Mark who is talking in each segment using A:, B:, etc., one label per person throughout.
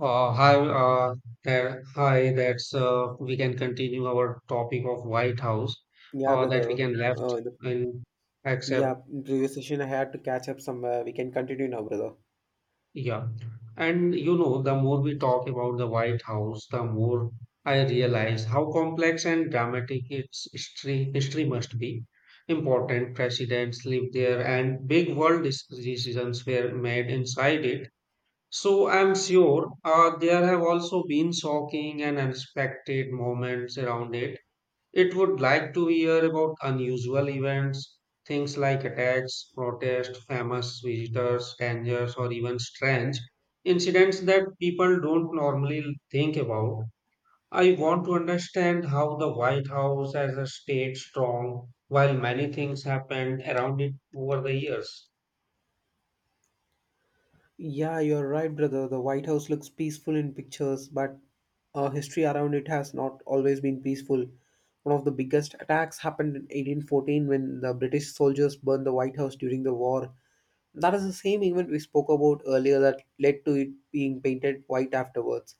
A: Uh, hi, uh, Hi. That's We can continue our topic of White House
B: Yeah,
A: that we
B: brother.
A: can
B: Uh,
A: left
B: the,
A: in except
B: yeah, in previous session I had to catch up somewhere. We can continue now, brother.
A: yeah. And you know, the more we talk about the White House, the more I realize how complex and dramatic its history must be. Important presidents lived there, and big world decisions were made inside it. So I'm sure there have also been shocking and unexpected moments around it. It would like to hear about unusual events, things like attacks, protests, famous visitors, dangers, or even strange incidents that people don't normally think about. I want to understand how the White House as a state strong while many things happened around it over the years.
B: Yeah, you're right, brother. The White House looks peaceful in pictures, but history around it has not always been peaceful. One of the biggest attacks happened in 1814 when the British soldiers burned the White House during the war. That is the same event we spoke about earlier that led to it being painted white afterwards.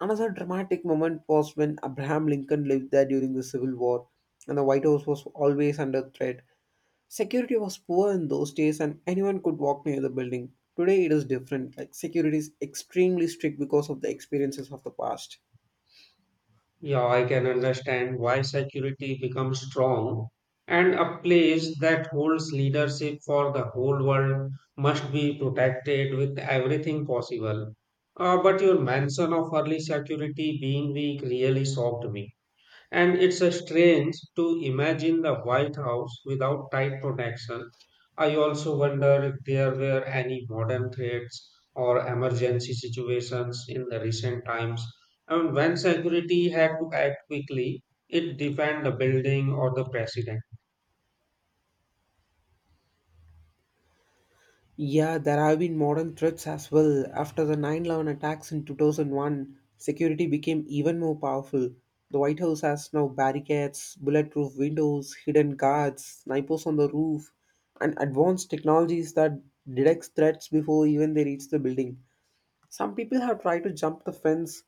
B: Another dramatic moment was when Abraham Lincoln lived there during the Civil War, and the White House was always under threat. Security was poor in those days, and anyone could walk near the building. Today, it is different. Like security is extremely strict because of the experiences of the past.
A: Yeah, I can understand why security becomes strong, and a place that holds leadership for the whole world must be protected with everything possible. But your mention of early security being weak really shocked me. And it's a strange to imagine the White House without tight protection. I also wonder if there were any modern threats or emergency situations in the recent times. And when security had to act quickly, it defend the building or the president.
B: Yeah, there have been modern threats as well. After the 9/11 attacks in 2001, security became even more powerful. The White House has now barricades, bulletproof windows, hidden guards, snipers on the roof, and advanced technologies that detect threats before even they reach the building. Some people have tried to jump the fence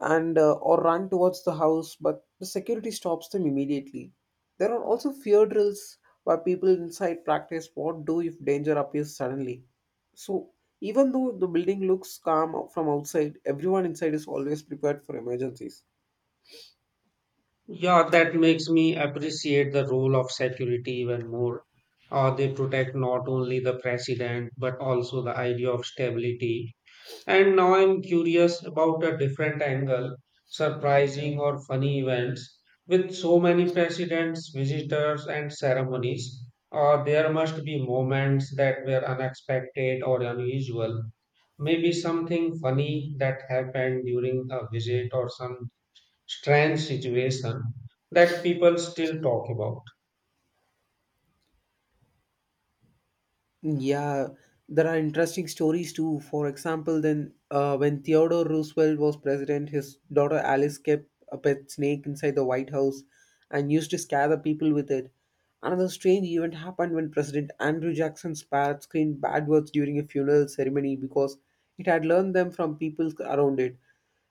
B: and or run towards the house, but the security stops them immediately. There are also fear drills where people inside practice what do if danger appears suddenly. So even though the building looks calm from outside, everyone inside is always prepared for emergencies.
A: Yeah, that makes me appreciate the role of security even more. They protect not only the president but also the idea of stability. And now I'm curious about a different angle, surprising or funny events. With so many presidents, visitors, and ceremonies, there must be moments that were unexpected or unusual. Maybe something funny that happened during a visit or some strange situation that people still talk about.
B: Yeah, there are interesting stories too. For example, then when Theodore Roosevelt was president, his daughter Alice kept a pet snake inside the White House and used to scare the people with it. Another strange event happened when President Andrew Jackson's parrot screamed bad words during a funeral ceremony because it had learned them from people around it.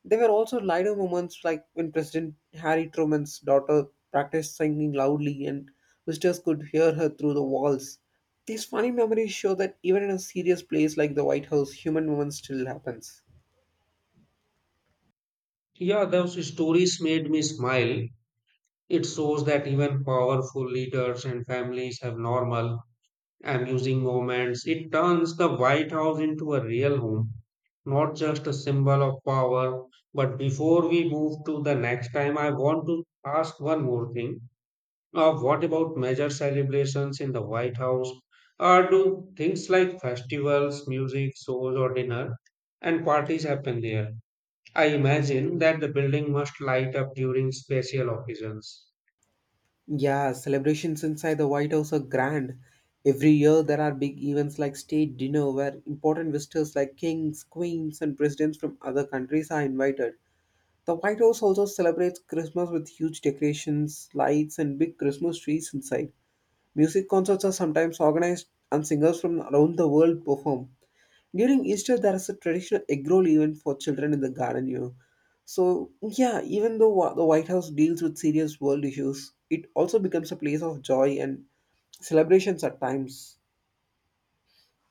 B: There were also lighter moments like when President Harry Truman's daughter practiced singing loudly and visitors could hear her through the walls. These funny memories show that even in a serious place like the White House, human moments still happens.
A: Yeah, those stories made me smile. It shows that even powerful leaders and families have normal amusing moments. It turns the White House into a real home, not just a symbol of power. But before we move to the next time, I want to ask one more thing. What about major celebrations in the White House? Or do things like festivals, music, shows, or dinner and parties happen there? I imagine that the building must light up during special occasions.
B: Yeah, celebrations inside the White House are grand. Every year there are big events like state dinner where important visitors like kings, queens and presidents from other countries are invited. The White House also celebrates Christmas with huge decorations, lights and big Christmas trees inside. Music concerts are sometimes organized and singers from around the world perform. During Easter, there is a traditional egg roll event for children in the garden, you know. So, yeah, even though the White House deals with serious world issues, it also becomes a place of joy and celebrations at times.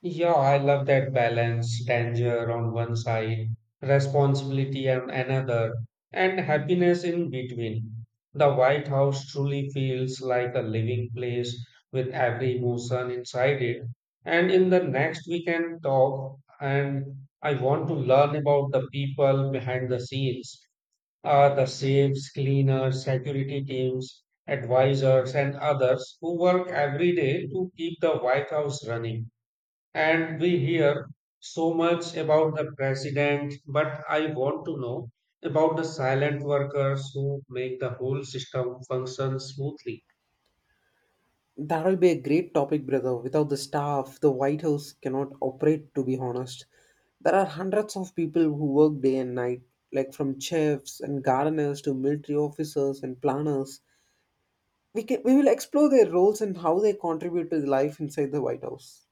A: Yeah, I love that balance, danger on one side, responsibility on another, and happiness in between. The White House truly feels like a living place with every emotion inside it. And in the next we can talk, and I want to learn about the people behind the scenes, the safes, cleaners, security teams, advisors, and others who work every day to keep the White House running. And we hear so much about the president, but I want to know about the silent workers who make the whole system function smoothly.
B: That will be a great topic, brother. Without the staff, the White House cannot operate, to be honest. There are hundreds of people who work day and night, like from chefs and gardeners to military officers and planners. We will explore their roles and how they contribute to the life inside the White House.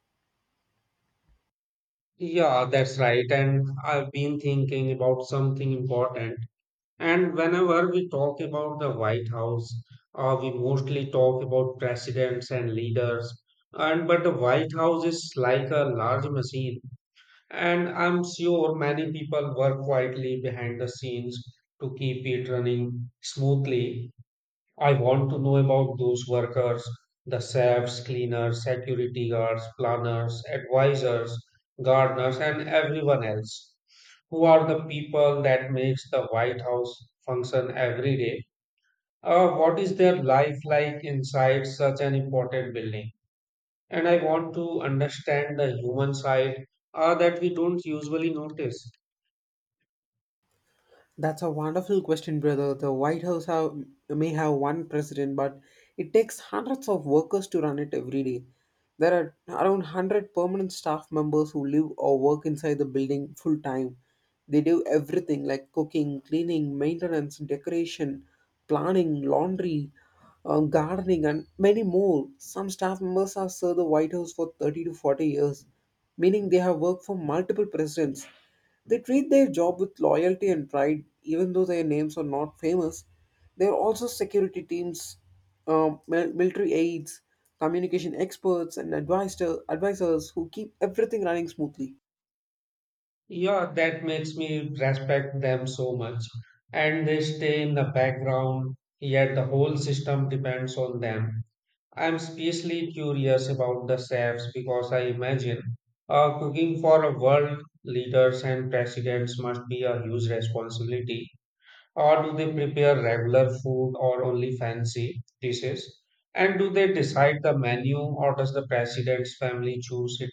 A: Yeah, that's right. And I've been thinking about something important. And whenever we talk about the White House, we mostly talk about presidents and leaders. And but the White House is like a large machine. And I'm sure many people work quietly behind the scenes to keep it running smoothly. I want to know about those workers, the chefs, cleaners, security guards, planners, advisors, gardeners, and everyone else. Who are the people that makes the White House function every day? What is their life like inside such an important building? And I want to understand the human side that we don't usually notice.
B: That's a wonderful question, brother. The White House have, May have one president, but it takes hundreds of workers to run it every day. There are around 100 permanent staff members who live or work inside the building full time. They do everything like cooking, cleaning, maintenance, decoration, planning, laundry, gardening, and many more. Some staff members have served the White House for 30 to 40 years, meaning they have worked for multiple presidents. They treat their job with loyalty and pride, even though their names are not famous. They are also security teams, military aides, communication experts, and advisors who keep everything running smoothly.
A: Yeah, that makes me respect them so much. And they stay in the background, yet the whole system depends on them. I'm especially curious about the chefs because I imagine cooking for a world leaders and presidents must be a huge responsibility. Or do they prepare regular food or only fancy dishes? And do they decide the menu or does the president's family choose it?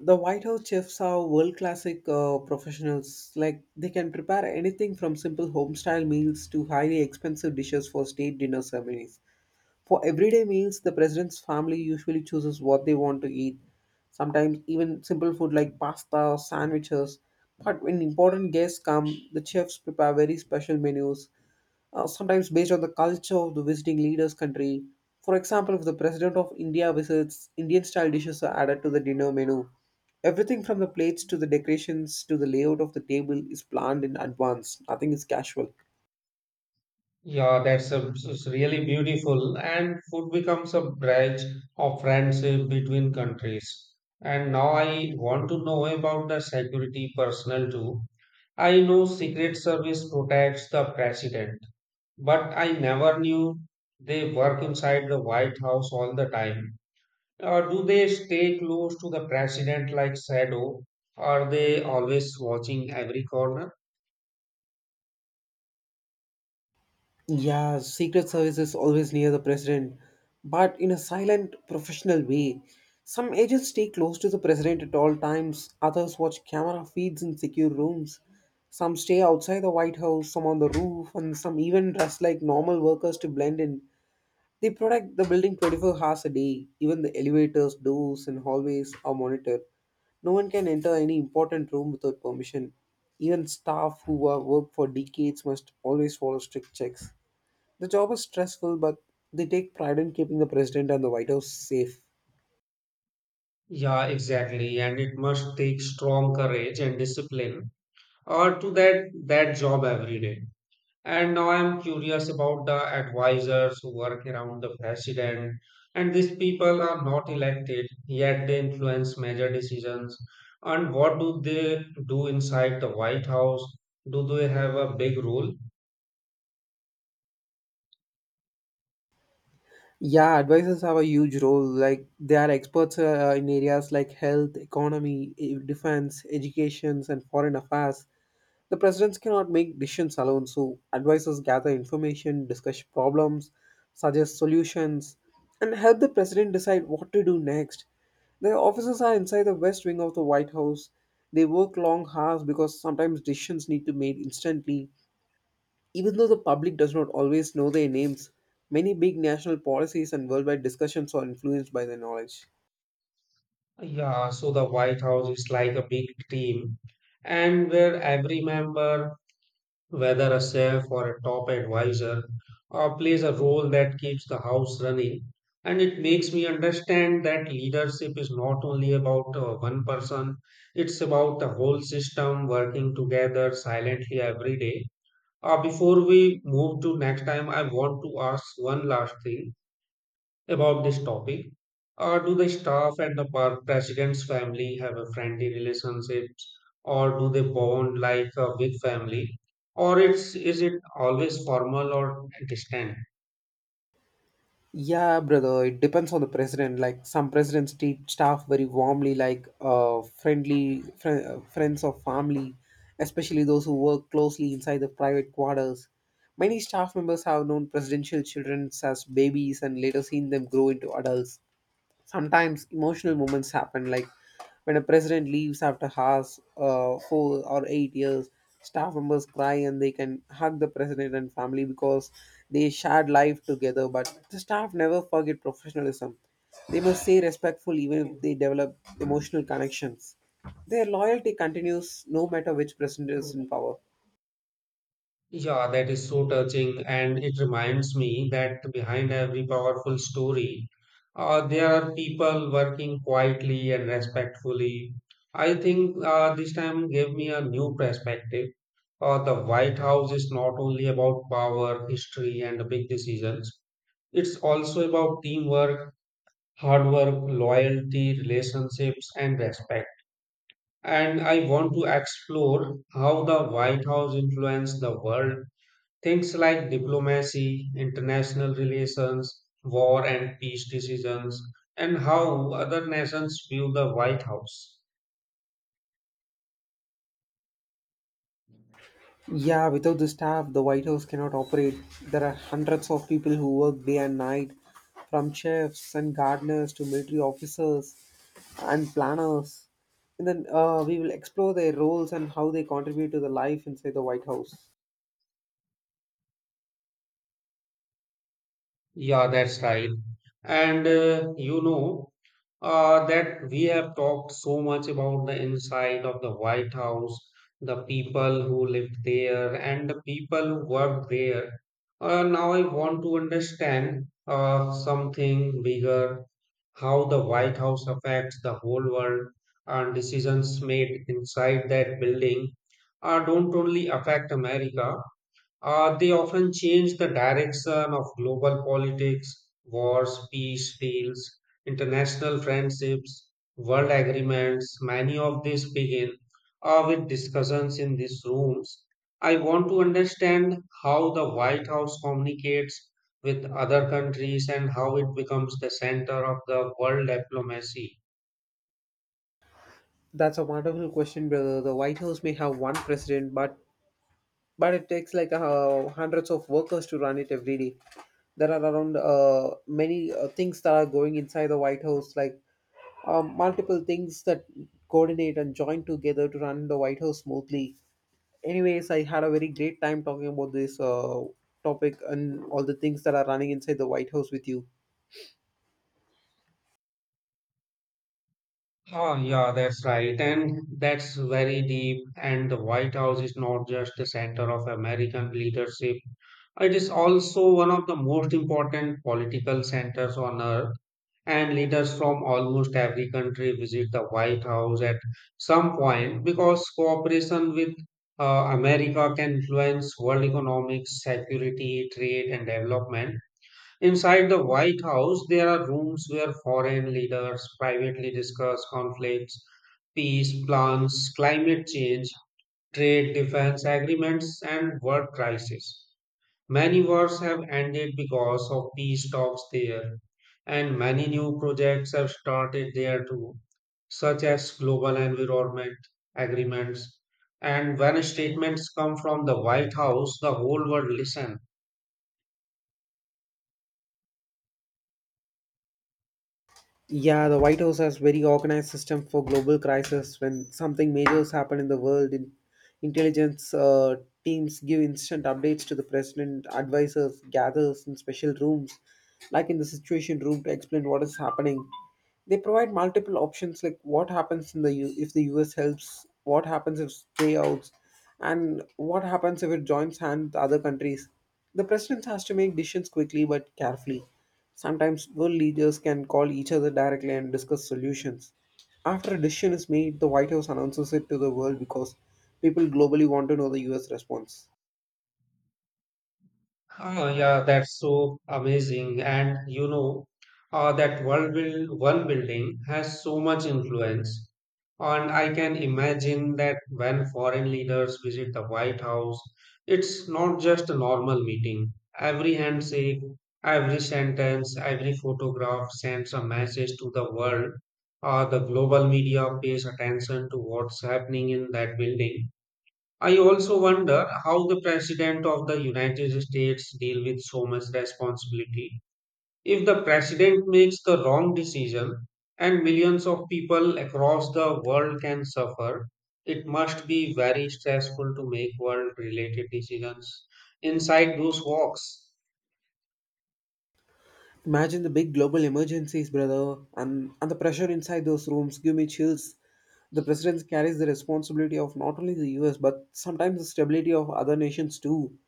B: The White House chefs are world classic professionals. Like they can prepare anything from simple home style meals to highly expensive dishes for state dinner ceremonies. For everyday meals, the president's family usually chooses what they want to eat, sometimes even simple food like pasta or sandwiches. But when important guests come, the chefs prepare very special menus, sometimes based on the culture of the visiting leader's country. For example, if the president of India visits, Indian style dishes are added to the dinner menu. Everything from the plates to the decorations to the layout of the table is planned in advance, nothing is casual.
A: Yeah, that's a, it's really beautiful. And food becomes a bridge of friendship between countries. And now I want to know about the security personnel too. I know Secret Service protects the president, but I never knew they work inside the White House all the time. Or do they stay close to the president like shadow? Are they always watching every corner?
B: Yeah, Secret Service is always near the president, but in a silent, professional way. Some agents stay close to the president at all times, others watch camera feeds in secure rooms. Some stay outside the White House, some on the roof, and some even dress like normal workers to blend in. They protect the building 24 hours a day. Even the elevators, doors, and hallways are monitored. No one can enter any important room without permission. Even staff who have worked for decades must always follow strict checks. The job is stressful, but they take pride in keeping the president and the White House safe.
A: Yeah, exactly. And it must take strong courage and discipline or to that job every day. And now I'm curious about the advisors who work around the president. And these people are not elected, yet they influence major decisions. And what do they do inside the White House? Do they have a big role?
B: Yeah, advisors have a huge role. Like they are experts in areas like health, economy, defense, education, and foreign affairs. The presidents cannot make decisions alone, so advisors gather information, discuss problems, suggest solutions, and help the president decide what to do next. Their offices are inside the west wing of the White House. They work long hours because sometimes decisions need to be made instantly. Even though the public does not always know their names, many big national policies and worldwide discussions are influenced by their knowledge.
A: Yeah, so the White House is like a big team, and where every member whether a chef or a top advisor plays a role that keeps the house running. And it makes me understand that leadership is not only about one person, it's about the whole system working together silently every day. Before we move to next time, I want to ask one last thing about this topic. Do the staff and the president's family have a friendly relationships, or do they bond like a big family, or it's is it always formal or distant?
B: Yeah, brother, it depends on the president. Like some presidents treat staff very warmly, like friends of family, especially those who work closely inside the private quarters. Many staff members have known presidential children as babies and later seen them grow into adults. Sometimes emotional moments happen, like when a president leaves after half 4 or 8 years. Staff members cry and they can hug the president and family because they shared life together, but the staff never forget professionalism. They must stay respectful even if they develop emotional connections. Their loyalty continues no matter which president is in power.
A: Yeah, that is so touching, and it reminds me that behind every powerful story, there are people working quietly and respectfully. I think this time gave me a new perspective. The White House is not only about power, history, and big decisions, it's also about teamwork, hard work, loyalty, relationships, and respect. And I want to explore how the White House influenced the world. Things like diplomacy, international relations, war and peace decisions, and how other nations view the White House.
B: Yeah, without the staff, the White House cannot operate. There are hundreds of people who work day and night, from chefs and gardeners to military officers and planners. And then We will explore their roles and how they contribute to the life inside the White House.
A: Yeah, that's right. And uh, you know, that we have talked so much about the inside of the White House, the people who lived there, and the people who worked there. Now I want to understand something bigger, how the White House affects the whole world and decisions made inside that building don't only affect America. They often change the direction of global politics, wars, peace deals, international friendships, world agreements. Many of these begin with discussions in these rooms. I want to understand how the White House communicates with other countries and how it becomes the center of the world diplomacy.
B: That's a wonderful question, brother. The White House may have one president, but it takes hundreds of workers to run it every day. There are around many things that are going inside the White House, like multiple things that coordinate and join together to run the White House smoothly. Anyways, I had a very great time talking about this topic and all the things that are running inside the White House with you.
A: Oh, yeah, that's right. And that's very deep. And the White House is not just the center of American leadership. It is also one of the most important political centers on earth, and leaders from almost every country visit the White House at some point because cooperation with America can influence world economics, security, trade, and development. Inside the White House, there are rooms where foreign leaders privately discuss conflicts, peace plans, climate change, trade defense agreements, and world crisis. Many wars have ended because of peace talks there, and many new projects have started there too, such as global environment agreements. And when statements come from the White House, the whole world listens.
B: Yeah, the White House has very organized system for global crisis. When something major has happened in the world, in intelligence teams give instant updates to the president. Advisors gathers in special rooms, like in the Situation Room, to explain what is happening. They provide multiple options like what happens in the if the US helps, what happens if stay outs, and what happens if it joins hands with other countries. The president has to make decisions quickly but carefully. Sometimes world leaders can call each other directly and discuss solutions. After a decision is made, the White House announces it to the world because people globally want to know the US response.
A: Ah, yeah, that's so amazing. That one building has so much influence. And I can imagine that when foreign leaders visit the White House, it's not just a normal meeting. Every handshake, every sentence, every photograph sends a message to the world. The global media pays attention to what's happening in that building. I also wonder how the President of the United States deal with so much responsibility. If the President makes the wrong decision and millions of people across the world can suffer, it must be very stressful to make world related decisions inside those walks.
B: Imagine the big global emergencies, brother, and the pressure inside those rooms give me chills. The president carries the responsibility of not only the US but sometimes the stability of other nations too.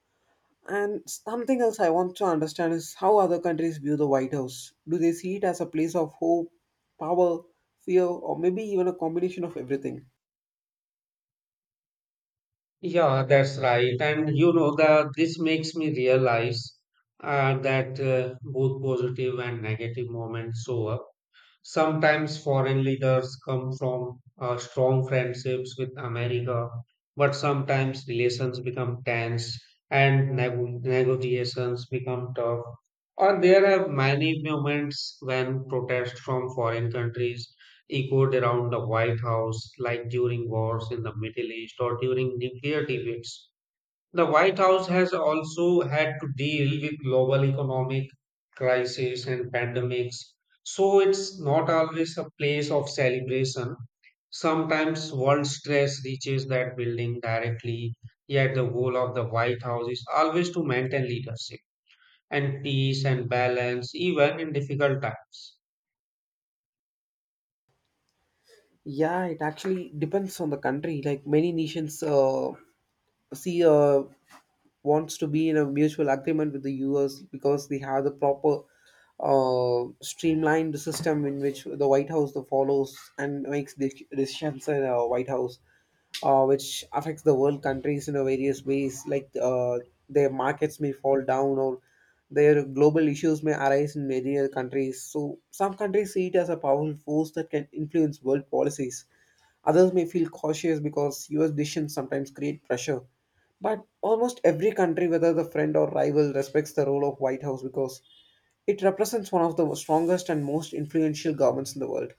B: And something else I want to understand is how other countries view the White House. Do they see it as a place of hope, power, fear, or maybe even a combination of everything?
A: Yeah, that's right. And you know that this makes me realize that both positive and negative moments show up. Sometimes foreign leaders come from strong friendships with America, but sometimes relations become tense and negotiations become tough. Or there are many moments when protests from foreign countries echoed around the White House, like during wars in the Middle East or during nuclear debates. The White House has also had to deal with global economic crisis and pandemics, so it's not always a place of celebration. Sometimes world stress reaches that building directly, yet the goal of the White House is always to maintain leadership and peace and balance, even in difficult times.
B: Yeah, it actually depends on the country. Like many nations see a wants to be in a mutual agreement with the US because they have the proper streamlined system in which the White House follows and makes decisions in a White House, which affects the world countries in a various ways, like their markets may fall down or their global issues may arise in many other countries. So some countries see it as a powerful force that can influence world policies. Others may feel cautious because US decisions sometimes create pressure, but almost every country, whether the friend or rival, respects the role of White House because it represents one of the strongest and most influential governments in the world.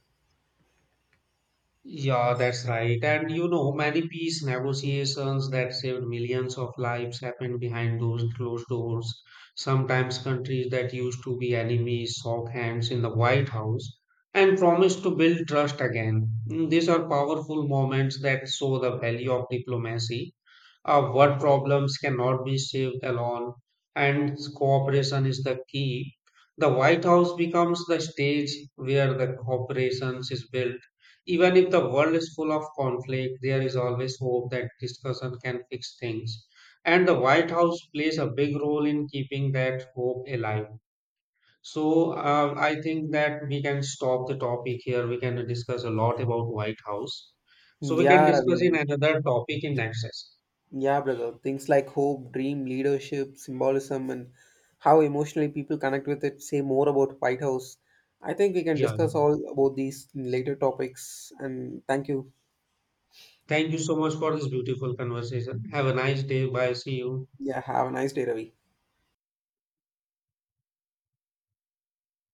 A: Yeah, that's right. And you know, many peace negotiations that saved millions of lives happened behind those closed doors. Sometimes countries that used to be enemies shook hands in the White House and promised to build trust again. Mm, these are powerful moments that show the value of diplomacy, what problems cannot be saved alone, and cooperation is the key. The White House becomes the stage where the cooperation is built. Even if the world is full of conflict, there is always hope that discussion can fix things. And the White House plays a big role in keeping that hope alive. So I think that we can stop the topic here. We can discuss a lot about White House. So we can
B: Yeah,
A: discuss in
B: Ravi.
A: another topic in next session.
B: Yeah, brother. Things like hope, dream, leadership, symbolism, and how emotionally people connect with it say more about White House. I think we can
A: Yeah.
B: discuss all about these in later topics. And thank you.
A: Thank you so much for this beautiful conversation. Have a nice day. Bye. See you.
B: Yeah, have a nice day, Ravi.